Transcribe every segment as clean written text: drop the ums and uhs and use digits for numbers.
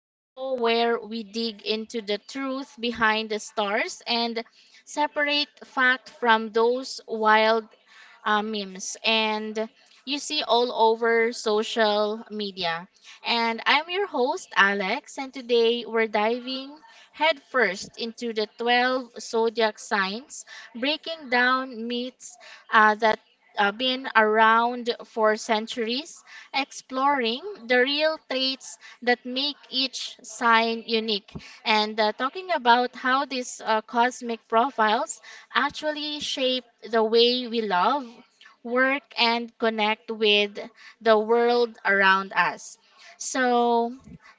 to show where we dig into the truth behind the stars and separate fact from those wild memes and you see all over social media. And I'm your host, Alex, and today we're diving headfirst into the 12 zodiac signs, breaking down myths that been around for centuries, exploring the real traits that make each sign unique, and talking about how these cosmic profiles actually shape the way we love, work, and connect with the world around us. So,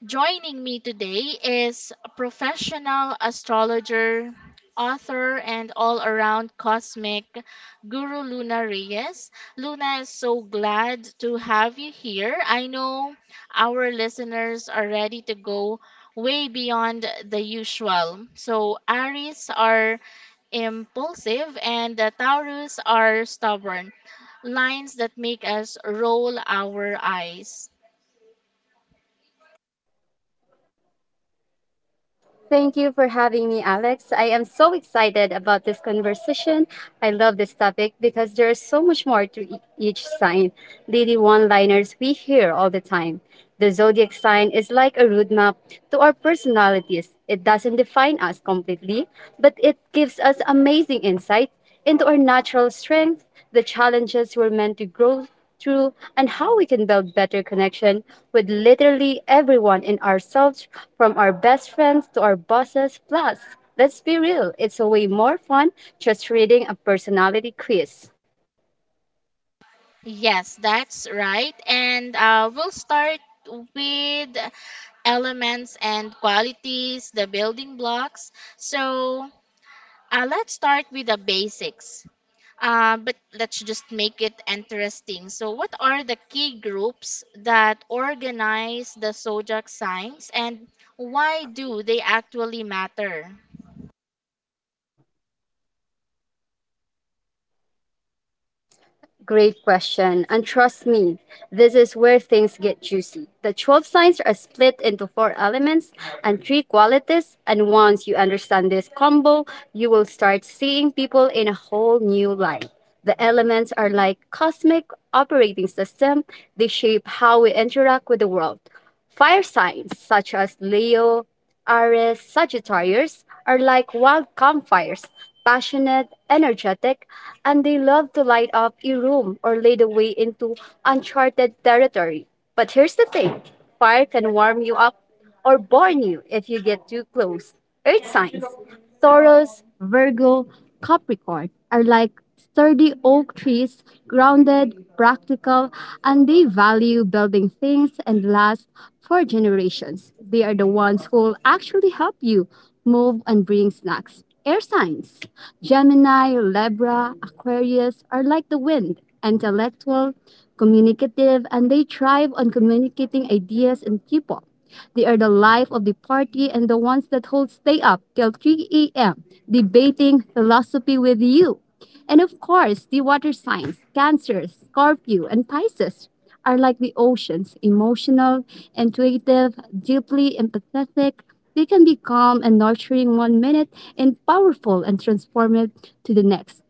joining me today is professional astrologer, author, and all around cosmic guru Luna Reyes. Luna, is so glad to have you here. I know our listeners are ready to go way beyond the usual. So, Aries are impulsive, and the Taurus are stubborn, lines that make us roll our eyes. Thank you for having me, Alex. I am so excited about this conversation. I love this topic because there is so much more to each sign. Daily one liners we hear all the time. The zodiac sign is like a roadmap to our personalities. It doesn't define us completely, but it gives us amazing insight into our natural strength, the challenges we're meant to grow through, and how we can build better connection with literally everyone in ourselves, from our best friends to our bosses. Plus, let's be real, it's a way more fun just reading a personality quiz. Yes, that's right. And we'll start with elements and qualities, the building blocks. So, let's start with the basics. But let's just make it interesting. So, what are the key groups that organize the zodiac signs and why do they actually matter? Great question. And trust me, this is where things get juicy. The 12 signs are split into 4 elements and 3 qualities. And once you understand this combo, you will start seeing people in a whole new light. The elements are like cosmic operating system. They shape how we interact with the world. Fire signs such as Leo, Aries, Sagittarius are like wild campfires, passionate, energetic, and they love to light up a room or lead the way into uncharted territory. But here's the thing: fire can warm you up or burn you if you get too close. Earth signs Taurus, Virgo, Capricorn are like sturdy oak trees, grounded, practical, and they value building things and last for generations. They are the ones who'll actually help you move and bring snacks. Air signs Gemini, Libra, Aquarius are like the wind, intellectual, communicative, and they thrive on communicating ideas and people. They are the life of the party and the ones that hold stay up till 3 a.m. debating philosophy with you. And of course, the water signs, Cancer, Scorpio, and Pisces are like the oceans, emotional, intuitive, deeply empathetic. They can be calm and nurturing one minute and powerful and transformative to the next.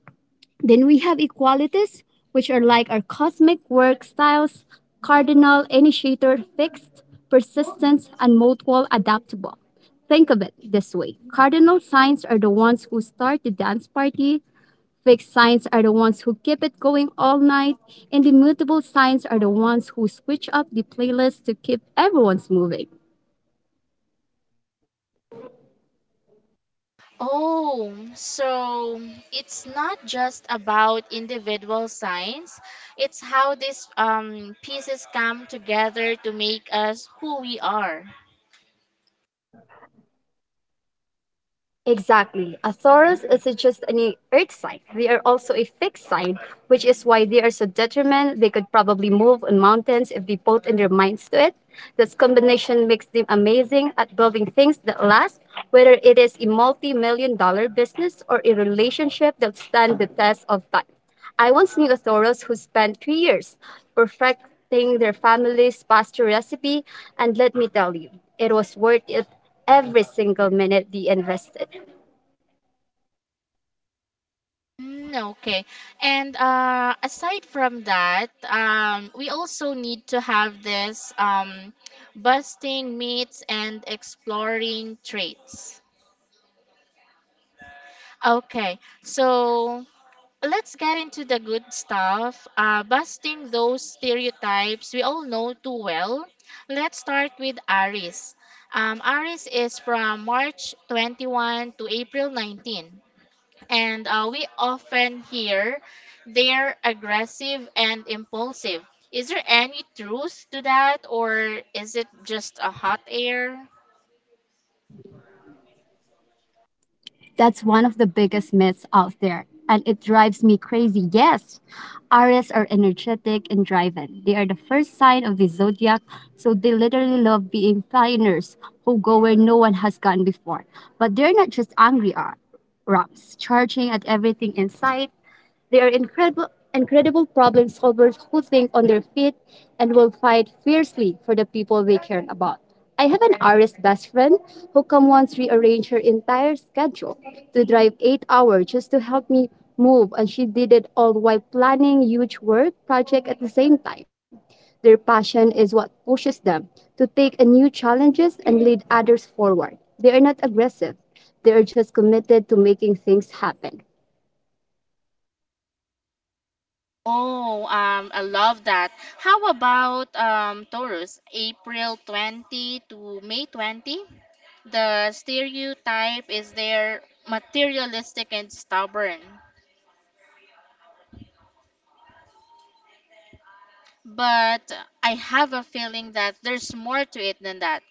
Then we have equalities, which are like our cosmic work styles: cardinal, initiator, fixed, persistent, and mutual adaptable. Think of it this way: cardinal signs are the ones who start the dance party, fixed signs are the ones who keep it going all night, and the mutable signs are the ones who switch up the playlist to keep everyone's moving. Oh, so it's not just about individual signs, it's how these pieces come together to make us who we are. Exactly. A Taurus isn't just any earth sign. They are also a fixed sign, which is why they are so determined. They could probably move on mountains if they put in their minds to it. This combination makes them amazing at building things that last, whether it is a multi million dollar business or a relationship that stands the test of time. I once knew Thoros who spent 3 years perfecting their family's pasta recipe, and let me tell you, it was worth it every single minute they invested. Mm, okay. And aside from that, we also need to have this busting myths and exploring traits. Okay, so let's get into the good stuff, busting those stereotypes we all know too well. Let's start with Aries. Aris is from March 21 to April 19, and we often hear they're aggressive and impulsive. Is there any truth to that, or is it just a hot air? That's one of the biggest myths out there, and it drives me crazy. Yes, Aries are energetic and driven. They are the first sign of the zodiac, so they literally love being pioneers who go where no one has gone before. But they're not just angry, Rams, charging at everything in sight. They are incredible problem solvers who think on their feet and will fight fiercely for the people they care about. I have an artist best friend who come once rearranged her entire schedule to drive 8 hours just to help me move, and she did it all while planning huge work project at the same time. Their passion is what pushes them to take on new challenges and lead others forward. They are not aggressive; they are just committed to making things happen. Oh, I love that. How about Taurus, April 20 to May 20? The stereotype is they're materialistic and stubborn. But I have a feeling that there's more to it than that.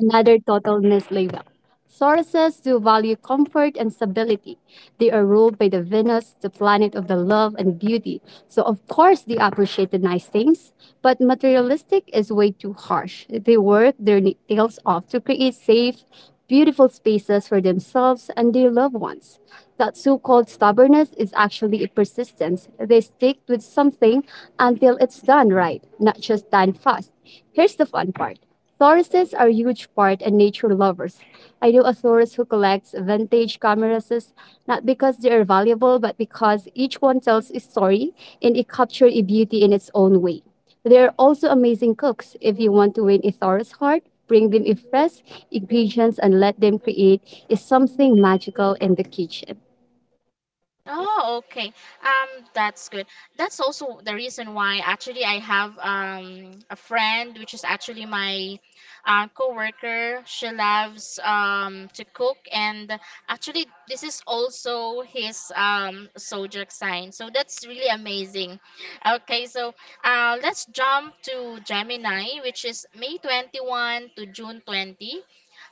Another total misleader. Sources do value comfort and stability. They are ruled by the Venus, the planet of the love and beauty. So of course they appreciate the nice things, but materialistic is way too harsh. They work their tails off to create safe, beautiful spaces for themselves and their loved ones. That so-called stubbornness is actually a persistence. They stick with something until it's done right, not just done fast. Here's the fun part: Tourists are huge part and nature lovers. I know a tourist who collects vintage cameras not because they are valuable, but because each one tells a story and it captures a beauty in its own way. They are also amazing cooks. If you want to win a tourist heart, bring them a fresh ingredients and let them create is something magical in the kitchen. Oh, okay. That's good. That's also the reason why actually I have a friend which is actually my coworker. She loves to cook and actually this is also his zodiac sign. So that's really amazing. Okay, so let's jump to Gemini, which is May 21 to June 20.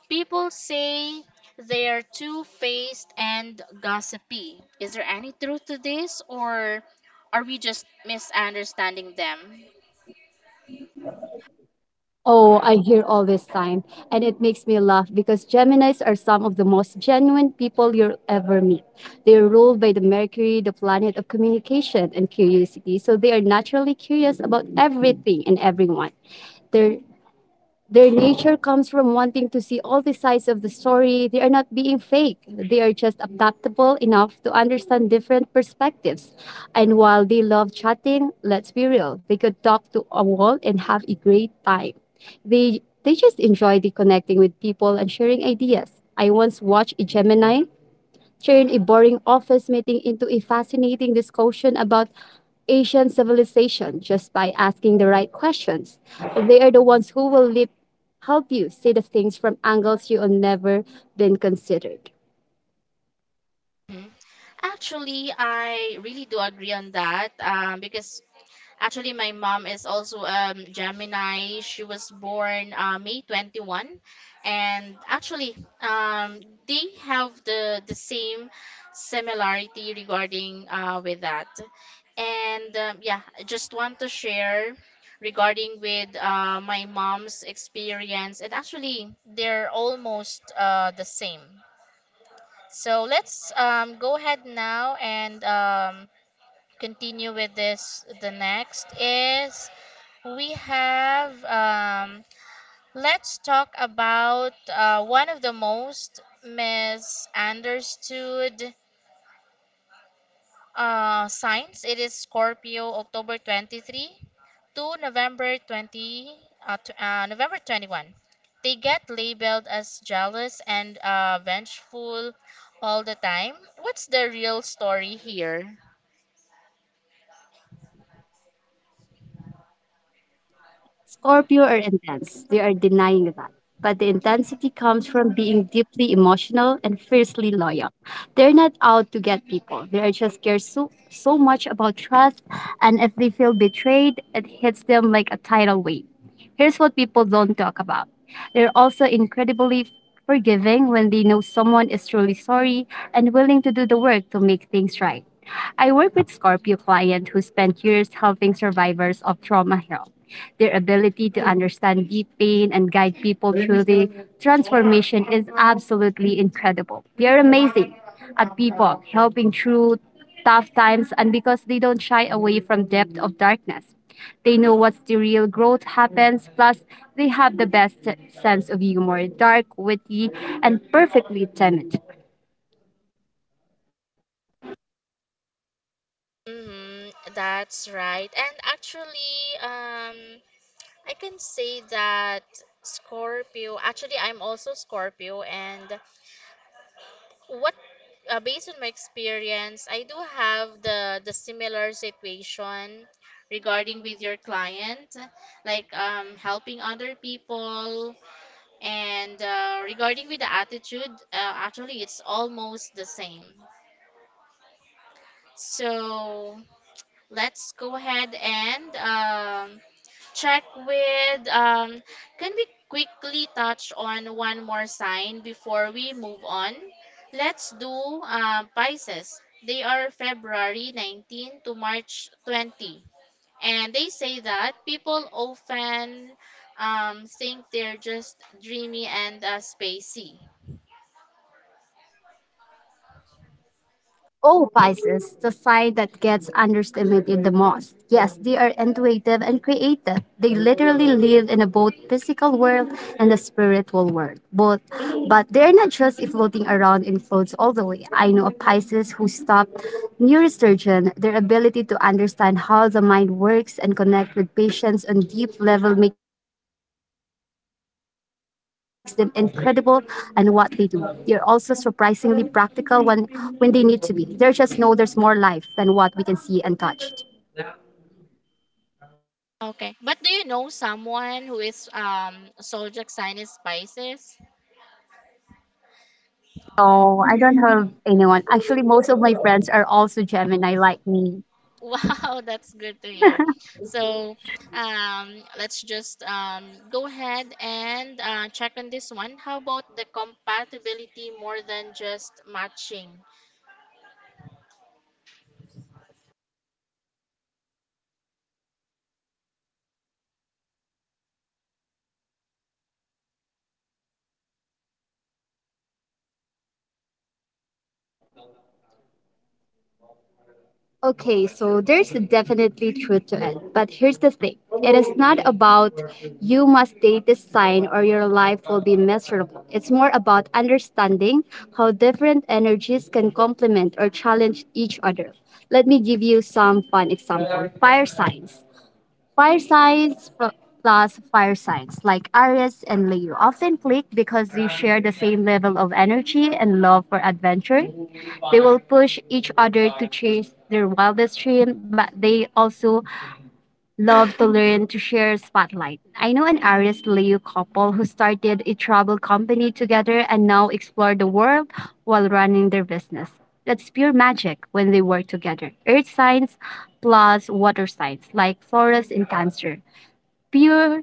People say they are two faced and gossipy. Is there any truth to this, or are we just misunderstanding them? Oh, I hear all this time, and it makes me laugh because Geminis are some of the most genuine people you'll ever meet. They are ruled by the Mercury, the planet of communication and curiosity, so they are naturally curious about everything and everyone. They're their nature comes from wanting to see all the sides of the story. They are not being fake. They are just adaptable enough to understand different perspectives. And while they love chatting, let's be real, they could talk to a wall and have a great time. They just enjoy the connecting with people and sharing ideas. I once watched a Gemini turned a boring office meeting into a fascinating discussion about Asian civilization just by asking the right questions. They are the ones who will help you see the things from angles you have never been considered. Mhm. Actually, I really do agree on that, because actually, my mom is also Gemini. She was born May 21, and actually, they have the same similarity regarding with that. And yeah, I just want to share regarding with my mom's experience, and actually, they're almost the same. So let's, go ahead now and, continue with this. The next is we have, let's talk about one of the most misunderstood signs. It is Scorpio, October 23 to November 20, to, November 21. They get labeled as jealous and vengeful all the time. What's the real story here? Scorpio are intense. They are denying that. But the intensity comes from being deeply emotional and fiercely loyal. They're not out to get people. They are just care so much about trust, and if they feel betrayed, it hits them like a tidal wave. Here's what people don't talk about: they're also incredibly forgiving when they know someone is truly sorry and willing to do the work to make things right. I work with Scorpio clients who spend years helping survivors of trauma heal. Their ability to understand deep pain and guide people through the transformation is absolutely incredible. They're amazing at people, helping through tough times, and because they don't shy away from depth of darkness. They know what's the real growth happens. Plus, they have the best sense of humor, dark, witty, and perfectly timid. Mm-hmm, that's right. And actually, I can say that Scorpio, actually, I'm also Scorpio, and what based on my experience, I do have the similar situation regarding with your client, like, helping other people, and regarding with the attitude, actually, it's almost the same. So let's go ahead and, check with, can we quickly touch on one more sign before we move on? Let's do Pisces. They are February 19 to March 20, and they say that people often think they're just dreamy and spacey. Oh, Pisces, the sign that gets underestimated the most. Yes, they are intuitive and creative. They literally live in a both physical world and the spiritual world. Both, but they're not just floating around in floats all the way. I know a Pisces who stopped neurosurgeon, their ability to understand how the mind works and connect with patients on deep level makes them incredible and what they do. They're also surprisingly practical when they need to be. They just know there's more life than what we can see and touch. Okay, but do you know someone who is zodiac sign is Pisces? No, I don't have anyone. Actually, most of my friends are also Gemini like me. Wow, that's good to hear. So, um, let's just, go ahead and check on this one. How about the compatibility more than just matching? Okay, so there's definitely truth to it. But here's the thing: it is not about you must date this sign or your life will be miserable. It's more about understanding how different energies can complement or challenge each other. Let me give you some fun example. Fire signs. Firesides pl- plus firesides like Aries and Leo often click because they share the same level of energy and love for adventure. They will push each other to chase their wildest dream, but they also love to learn to share spotlight. I know an Aries Leo couple who started a travel company together and now explore the world while running their business. That's pure magic when they work together. Earth signs plus water signs like Taurus and Cancer pure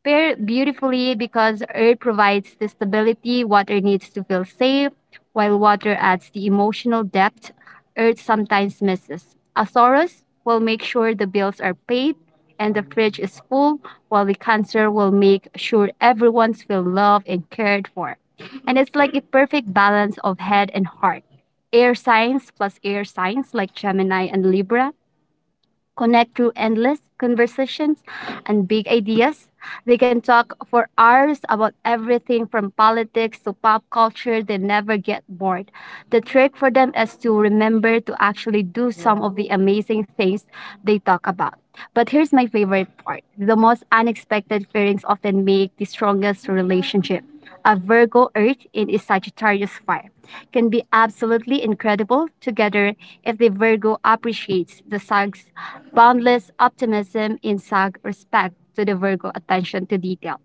pair beautifully because air provides the stability water needs to feel safe, while water adds the emotional depth earth sometimes misses. Asaurus will make sure the bills are paid and the fridge is full, while the cancer will make sure everyone's feel loved and cared for. And it's like a perfect balance of head and heart. Air signs plus air signs like Gemini and Libra connect through endless conversations and big ideas. They can talk for hours about everything from politics to pop culture. They never get bored. The trick for them is to remember to actually do some of the amazing things they talk about. But here's my favorite part: the most unexpected pairings often make the strongest relationship. A Virgo Earth in a Sagittarius fire can be absolutely incredible together if the Virgo appreciates the Sag's boundless optimism in sag respect to the Virgo attention to detail.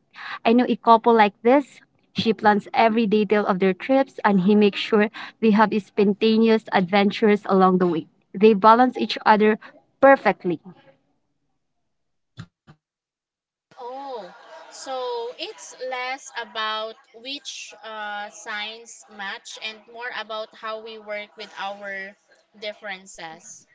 I know a couple like this. She plans every detail of their trips and he makes sure they have spontaneous adventures along the way. They balance each other perfectly. Oh, so it's less about which signs match and more about how we work with our differences.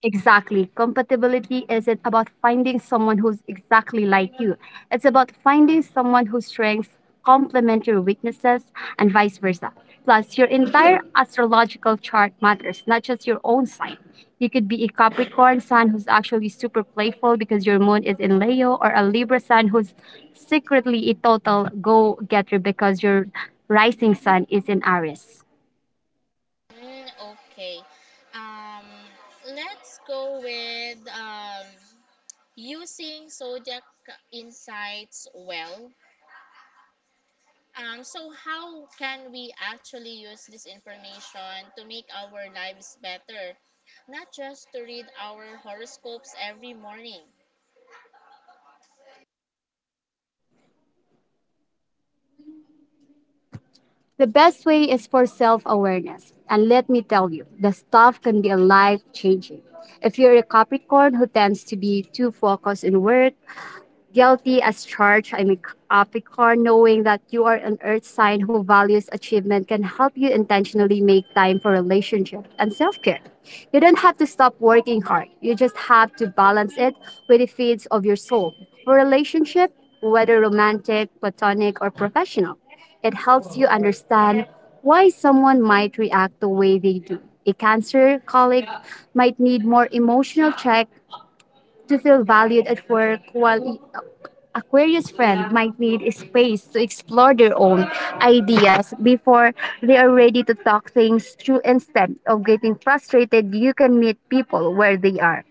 Exactly. Compatibility isn't about finding someone who's exactly like you. It's about finding someone whose strengths complement your weaknesses and vice versa. Plus, your entire astrological chart matters, not just your own sign. You could be a Capricorn sun who's actually super playful because your moon is in Leo, or a Libra sun who's secretly a total go getter because your rising sun is in Aries. Mm, okay. Um, let's go with, using zodiac insights well. So, how can we actually use this information to make our lives better? Not just to read our horoscopes every morning. The best way is for self awareness. And let me tell you, the stuff can be life changing. If you're a Capricorn who tends to be too focused in work, guilty as charged. I'm a Capricorn, knowing that you are an earth sign who values achievement can help you intentionally make time for relationship and self care. You don't have to stop working hard, you just have to balance it with the feeds of your soul. For relationship, whether romantic, platonic, or professional, it helps you understand why someone might react the way they do. A cancer colleague might need more emotional check to feel valued at work, while Aquarius friend might need space to explore their own ideas before they are ready to talk things through. Instead of getting frustrated, you can meet people where they are.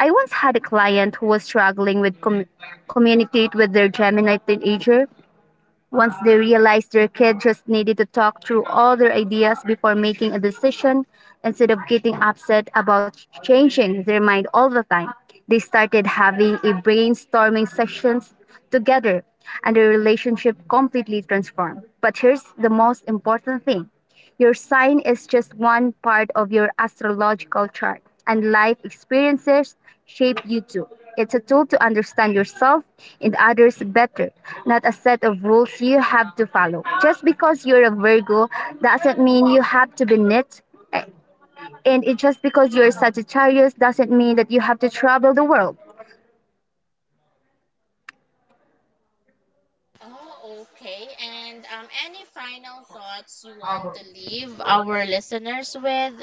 I once had a client who was struggling with communicate with their Gemini teenager. Once they realized their kid just needed to talk through all their ideas before making a decision, instead of getting upset about changing their mind all the time, they started having a brainstorming sessions together and their relationship completely transformed. But here's the most important thing. Your sign is just one part of your astrological chart, and life experiences shape you too. It's a tool to understand yourself and others better, not a set of rules you have to follow. Just because you're a Virgo doesn't mean you have to be knit, and it just because you're Sagittarius doesn't mean that you have to travel the world. Oh, okay. And any final thoughts you want to leave our listeners with?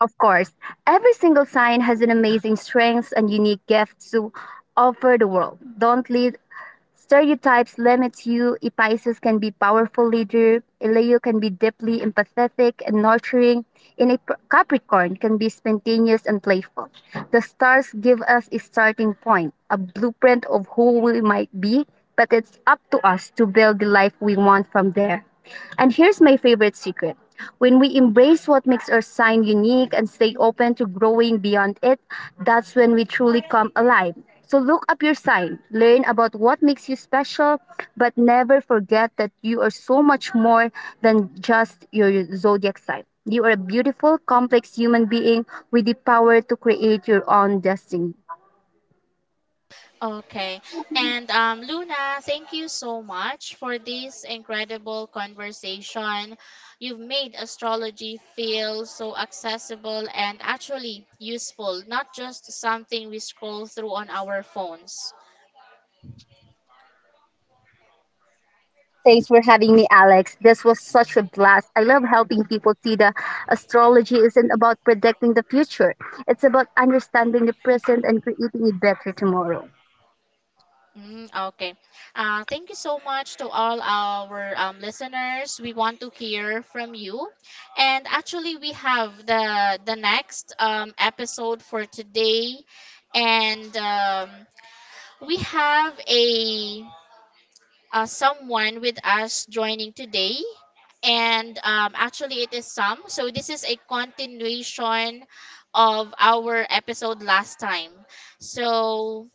Of course, every single sign has an amazing strength and unique gift to offer the world. Don't let stereotypes limit you. A Pisces can be powerful leader. A Leo can be deeply empathetic and nurturing. And a Capricorn can be spontaneous and playful. The stars give us a starting point, a blueprint of who we might be, but it's up to us to build the life we want from there. And here's my favorite secret: when we embrace what makes our sign unique and stay open to growing beyond it, that's when we truly come alive. So look up your sign, learn about what makes you special, but never forget that you are so much more than just your zodiac sign. You are a beautiful, complex human being with the power to create your own destiny. Okay. And Luna, thank you so much for this incredible conversation. You've made astrology feel so accessible and actually useful, not just something we scroll through on our phones. Thanks for having me, Alex. This was such a blast. I love helping people see that astrology isn't about predicting the future, it's about understanding the present and creating a better tomorrow. Mm, okay. Thank you so much to all our listeners. We want to hear from you. And actually, we have the next episode for today, and We have a someone with us joining today, and actually it is Sam. So this is a continuation of our episode last time. So,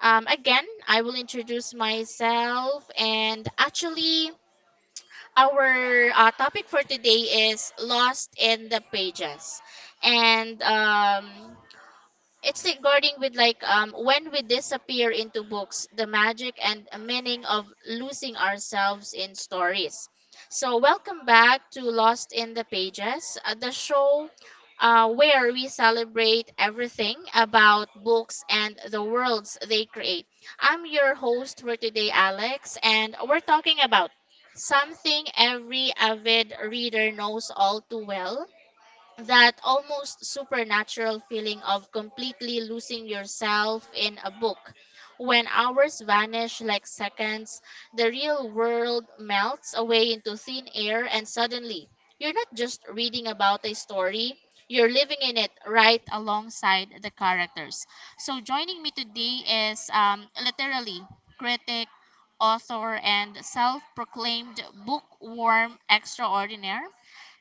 again, I will introduce myself, and actually our topic for today is Lost in the Pages, and it's regarding with like when we disappear into books, the magic and meaning of losing ourselves in stories. So welcome back to Lost in the Pages, the show where we celebrate everything about books and the worlds they create. I'm your host for today, Alex, and we're talking about something every avid reader knows all too well, that almost supernatural feeling of completely losing yourself in a book. When hours vanish like seconds, the real world melts away into thin air, and suddenly, you're not just reading about a story, you're living in it right alongside the characters. So, joining me today is, literally critic, author, and self proclaimed bookworm extraordinaire.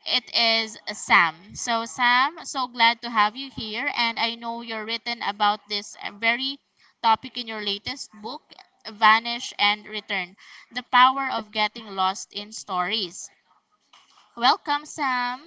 It is Sam. So, Sam, so glad to have you here. And I know you're written about this very topic in your latest book, Vanish and Return, The Power of Getting Lost in Stories. Welcome, Sam.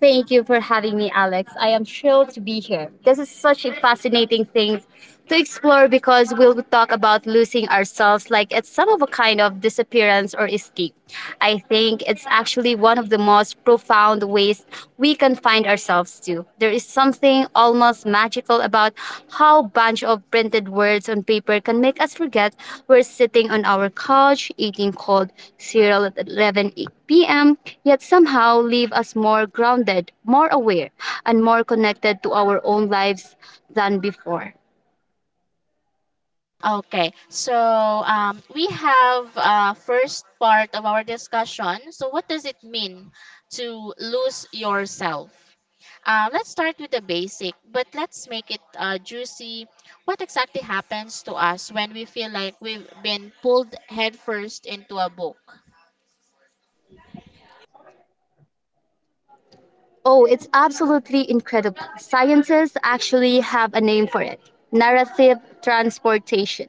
Thank you for having me, Alex. I am thrilled to be here. This is such a fascinating thing to explore because we'll talk about losing ourselves like it's some of a kind of disappearance or escape. I think it's actually one of the most profound ways we can find ourselves too. There is something almost magical about how bunch of printed words on paper can make us forget we're sitting on our couch eating cold cereal at 11 p.m., yet somehow leave us more grounded, more aware, and more connected to our own lives than before. Okay, so, we have, first part of our discussion. So, what does it mean to lose yourself? Let's start with the basic, but let's make it juicy. What exactly happens to us when we feel like we've been pulled headfirst into a book? Oh, it's absolutely incredible. Scientists actually have a name for it: narrative transportation.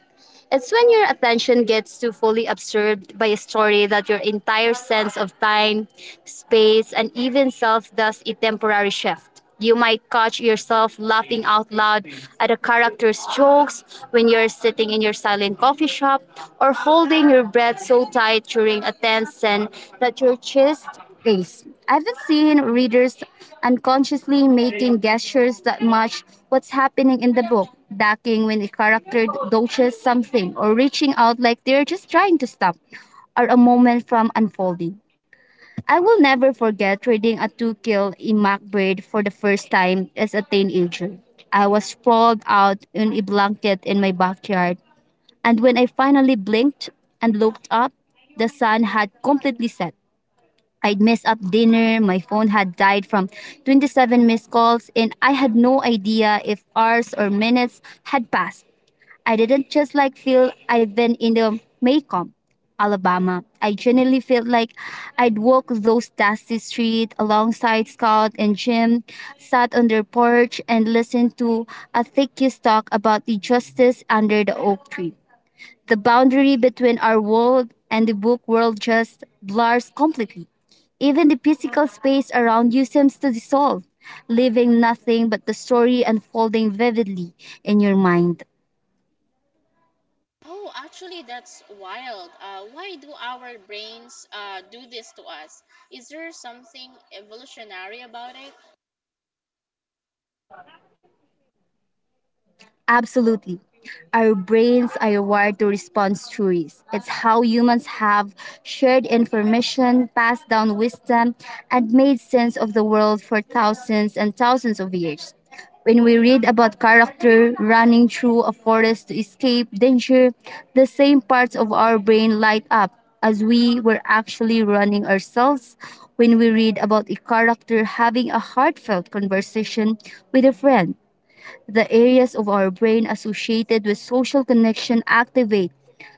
It's when your attention gets too fully absorbed by a story that your entire sense of time, space, and even self does a temporary shift. You might catch yourself laughing out loud at a character's jokes when you're sitting in your silent coffee shop, or holding your breath so tight during a tense scene that your chest days. I've seen readers unconsciously making gestures that match what's happening in the book, ducking when a character dodges something, or reaching out like they're just trying to stop or a moment from unfolding. I will never forget reading a To Kill a Mockingbird* for the first time as a teenager. I was sprawled out in a blanket in my backyard, and when I finally blinked and looked up, the sun had completely set. I'd mess up dinner, my phone had died from 27 missed calls, and I had no idea if hours or minutes had passed. I didn't just like feel I'd been in the Maycomb, Alabama. I genuinely felt like I'd walk those dusty streets alongside Scott and Jim, sat on their porch and listened to a thickest talk about the justice under the oak tree. The boundary between our world and the book world just blurs completely. Even the physical space around you seems to dissolve, leaving nothing but the story unfolding vividly in your mind. Oh, actually, that's wild. Why do our brains do this to us? Is there something evolutionary about it? Absolutely. Our brains are wired to respond to stories. It's how humans have shared information, passed down wisdom, and made sense of the world for thousands and thousands of years. When we read about character running through a forest to escape danger, the same parts of our brain light up as we were actually running ourselves. When we read about a character having a heartfelt conversation with a friend, the areas of our brain associated with social connection activate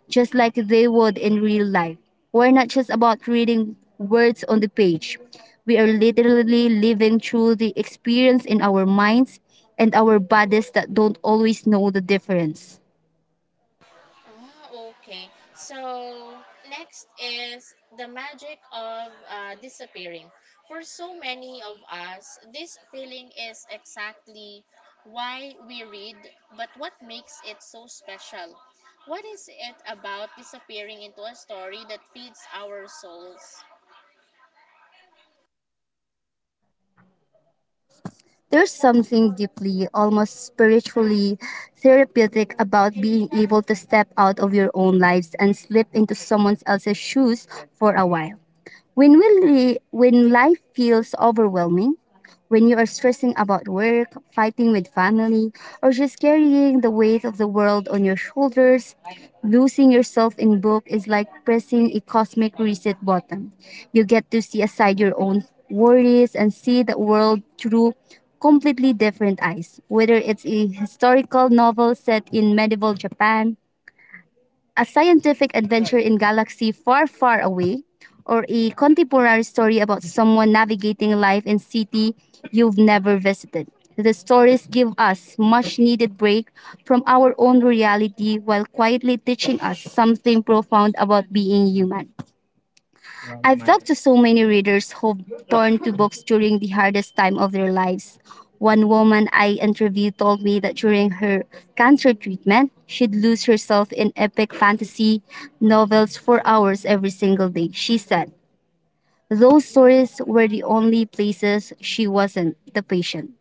just like they would in real life. We're not just about reading words on the page. We are literally living through the experience in our minds and our bodies that don't always know the difference. Ah, okay. So next is the magic of disappearing. For so many of us, this feeling is exactly why we read, but what makes it so special? What is it about disappearing into a story that feeds our souls? There's something deeply, almost spiritually therapeutic about being able to step out of your own lives and slip into someone else's shoes for a while. When life feels overwhelming, when you are stressing about work, fighting with family, or just carrying the weight of the world on your shoulders, losing yourself in book is like pressing a cosmic reset button. You get to see aside your own worries and see the world through completely different eyes, whether it's a historical novel set in medieval Japan, a scientific adventure in galaxy far, far away, or a contemporary story about someone navigating life in city you've never visited. The stories give us much needed break from our own reality while quietly teaching us something profound about being human. I've talked to so many readers who've turned to books during the hardest time of their lives. One woman I interviewed told me that during her cancer treatment, she'd lose herself in epic fantasy novels for hours every single day. She said those stories were the only places she wasn't the patient.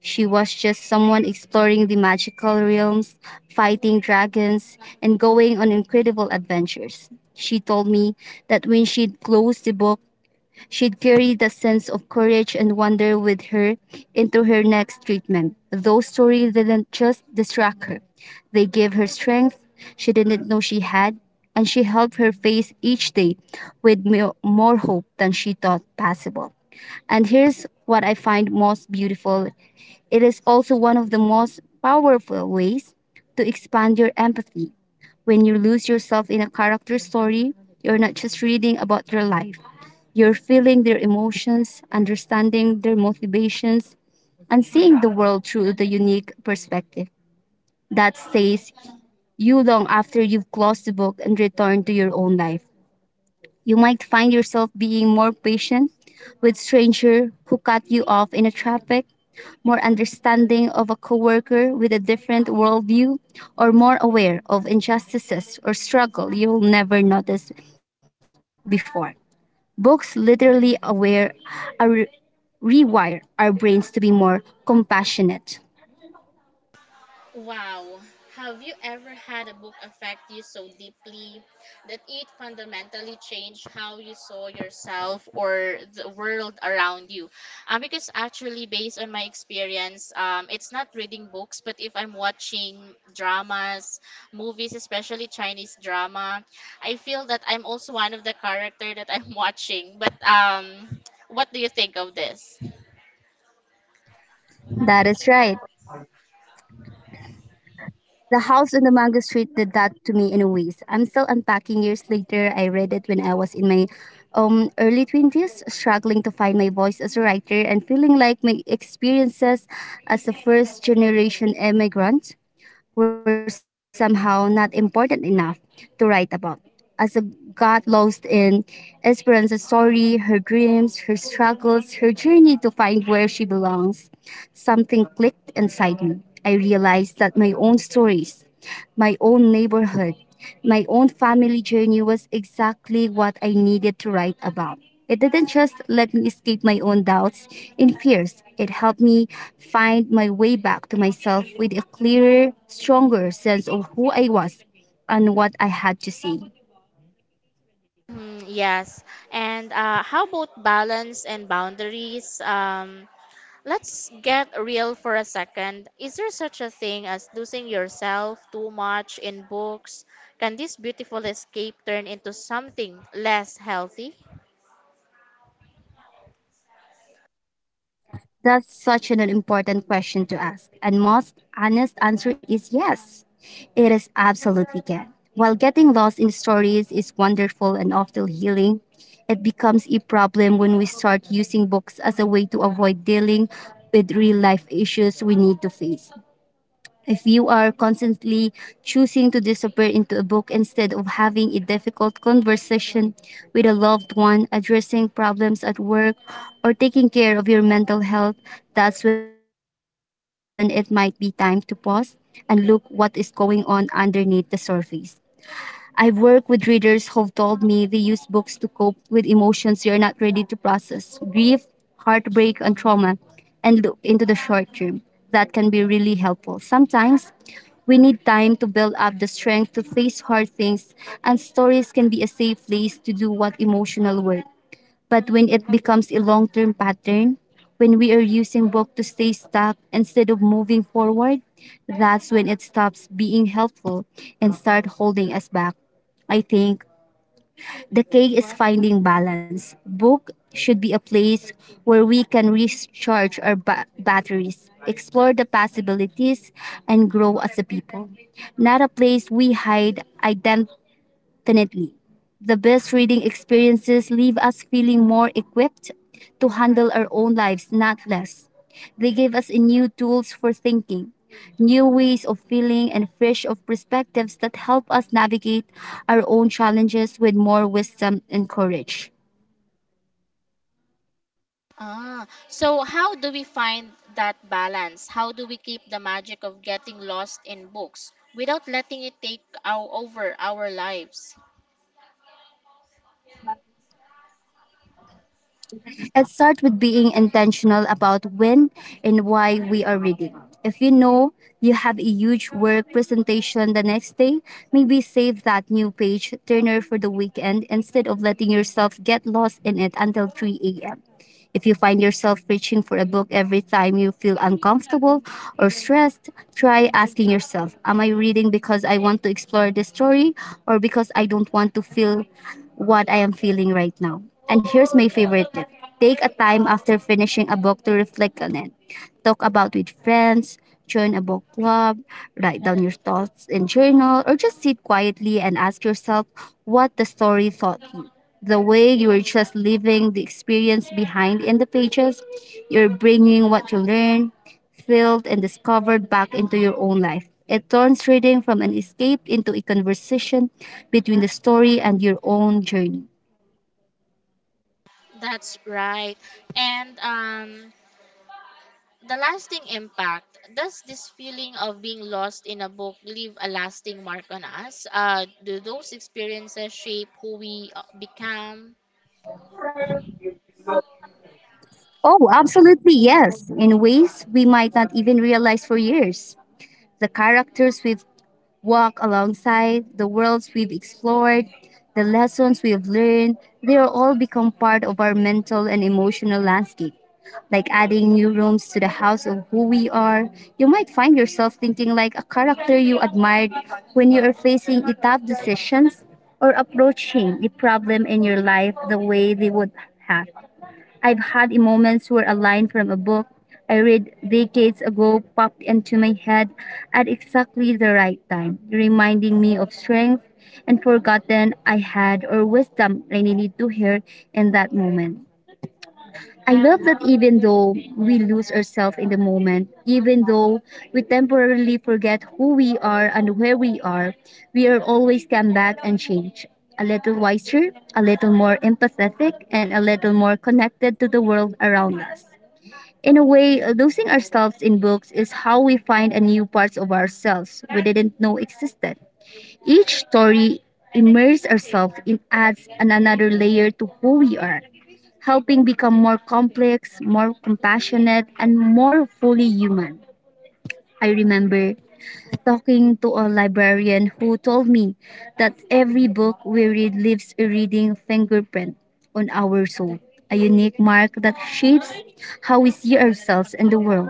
She was just someone exploring the magical realms, fighting dragons, and going on incredible adventures. She told me that when she'd close the book, she'd carry the sense of courage and wonder with her into her next treatment. Those stories didn't just distract her, they gave her strength she didn't know she had, and she helped her face each day with more hope than she thought possible. And here's what I find most beautiful: it is also one of the most powerful ways to expand your empathy. When you lose yourself in a character story, you're not just reading about their life, you're feeling their emotions, understanding their motivations, and seeing the world through the unique perspective that stays you long after you've closed the book and returned to your own life. You might find yourself being more patient with stranger who cut you off in a traffic, more understanding of a coworker with a different worldview, or more aware of injustices or struggle you'll never notice before. Books literally aware are rewire our brains to be more compassionate. Wow. Have you ever had a book affect you so deeply that it fundamentally changed how you saw yourself or the world around you? Because actually, based on my experience, it's not reading books, but if I'm watching dramas, movies, especially Chinese drama, I feel that I'm also one of the character that I'm watching. But what do you think of this? That is right. The House on the Mango Street did that to me in ways. I'm still unpacking years later. I read it when I was in my early 20s, struggling to find my voice as a writer and feeling like my experiences as a first generation immigrant were somehow not important enough to write about. As a got lost in Esperanza's story, her dreams, her struggles, her journey to find where she belongs, something clicked inside me. I realized that my own stories, my own neighborhood, my own family journey was exactly what I needed to write about. It didn't just let me escape my own doubts and fears, it helped me find my way back to myself with a clearer, stronger sense of who I was and what I had to say. Mm, yes. And how about balance and boundaries? Let's get real for a second. Is there such a thing as losing yourself too much in books? Can this beautiful escape turn into something less healthy? That's such an important question to ask, and most honest answer is yes. It is absolutely can. While getting lost in the stories is wonderful and often healing, it becomes a problem when we start using books as a way to avoid dealing with real life issues we need to face. If you are constantly choosing to disappear into a book instead of having a difficult conversation with a loved one, addressing problems at work, or taking care of your mental health, that's when it might be time to pause and look what is going on underneath the surface. I've worked with readers who've told me they use books to cope with emotions you're not ready to process grief, heartbreak, and trauma and look into the short term. That can be really helpful. Sometimes we need time to build up the strength to face hard things, and stories can be a safe place to do what emotional work. But when it becomes a long term pattern, when we are using book to stay stuck instead of moving forward, that's when it stops being helpful and start holding us back. I think the key is finding balance. Book should be a place where we can recharge our batteries, explore the possibilities, and grow as a people. Not a place we hide definitely. The best reading experiences leave us feeling more equipped to handle our own lives, not less. They give us new tools for thinking, new ways of feeling, and fresh of perspectives that help us navigate our own challenges with more wisdom and courage. Ah, so how do we find that balance? How do we keep the magic of getting lost in books without letting it take over our lives? Let's start with being intentional about when and why we are reading. If you know you have a huge work presentation the next day, maybe save that new page turner for the weekend instead of letting yourself get lost in it until 3 a.m. If you find yourself reaching for a book every time you feel uncomfortable or stressed, try asking yourself, am I reading because I want to explore this story or because I don't want to feel what I am feeling right now? And here's my favorite tip, take a time after finishing a book to reflect on it, talk about with friends, join a book club, write down your thoughts in journal, or just sit quietly and ask yourself what the story taught you. The way you are just leaving the experience behind in the pages, you're bringing what you learned, felt, and discovered back into your own life. It turns reading from an escape into a conversation between the story and your own journey. That's right. And, the lasting impact. Does this feeling of being lost in a book leave a lasting mark on us? Do those experiences shape who we become? Oh, absolutely, yes, in ways we might not even realize for years. The characters we've walked alongside, the worlds we've explored, the lessons we've learned, they are all become part of our mental and emotional landscape. Like adding new rooms to the house of who we are, you might find yourself thinking like a character you admired when you are facing a tough decisions or approaching a problem in your life the way they would have. I've had moments where a line from a book I read decades ago popped into my head at exactly the right time, reminding me of strength and forgotten I had or wisdom I needed to hear in that moment. I love that even though we lose ourselves in the moment, even though we temporarily forget who we are and where we are always come back and change. A little wiser, a little more empathetic, and a little more connected to the world around us. In a way, losing ourselves in books is how we find a new parts of ourselves we didn't know existed. Each story immerses ourselves in adds another layer to who we are, helping become more complex, more compassionate, and more fully human. I remember talking to a librarian who told me that every book we read leaves a reading fingerprint on our soul, a unique mark that shapes how we see ourselves and the world.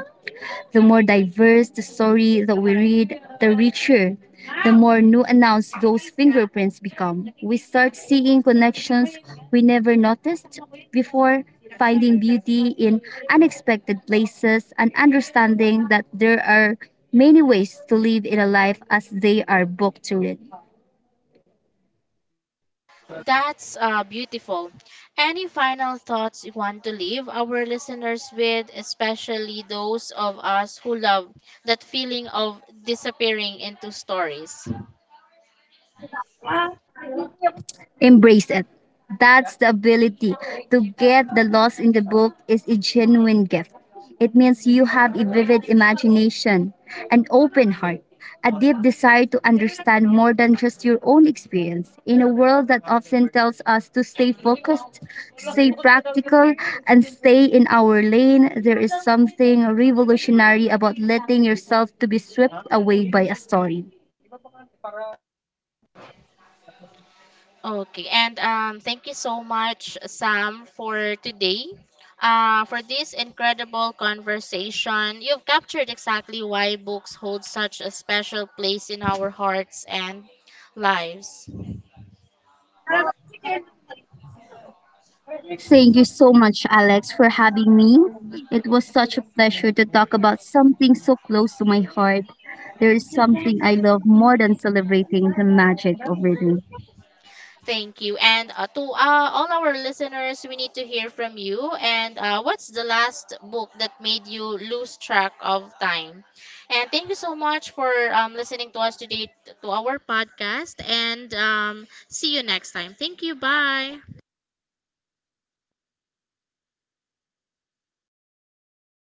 The more diverse the story that we read, the richer, the more new announced those fingerprints become. We start seeing connections we never noticed before, finding beauty in unexpected places, and understanding that there are many ways to live in a life as they are booked to read. That's beautiful. Any final thoughts you want to leave our listeners with, especially those of us who love that feeling of disappearing into stories? Embrace it. That's the ability to get the lost in the book is a genuine gift. It means you have a vivid imagination, an open heart, a deep desire to understand more than just your own experience in a world that often tells us to stay focused, stay practical, and stay in our lane. There is something revolutionary about letting yourself to be swept away by a story. Okay, and thank you so much, Sam, for today, for this incredible conversation. You've captured exactly why books hold such a special place in our hearts and lives. Thank you so much, Alex, for having me. It was such a pleasure to talk about something so close to my heart. There is something I love more than celebrating the magic of reading. Thank you. And to all our listeners, we need to hear from you. And what's the last book that made you lose track of time? And thank you so much for listening to us today, to our podcast. And see you next time. Thank you. Bye.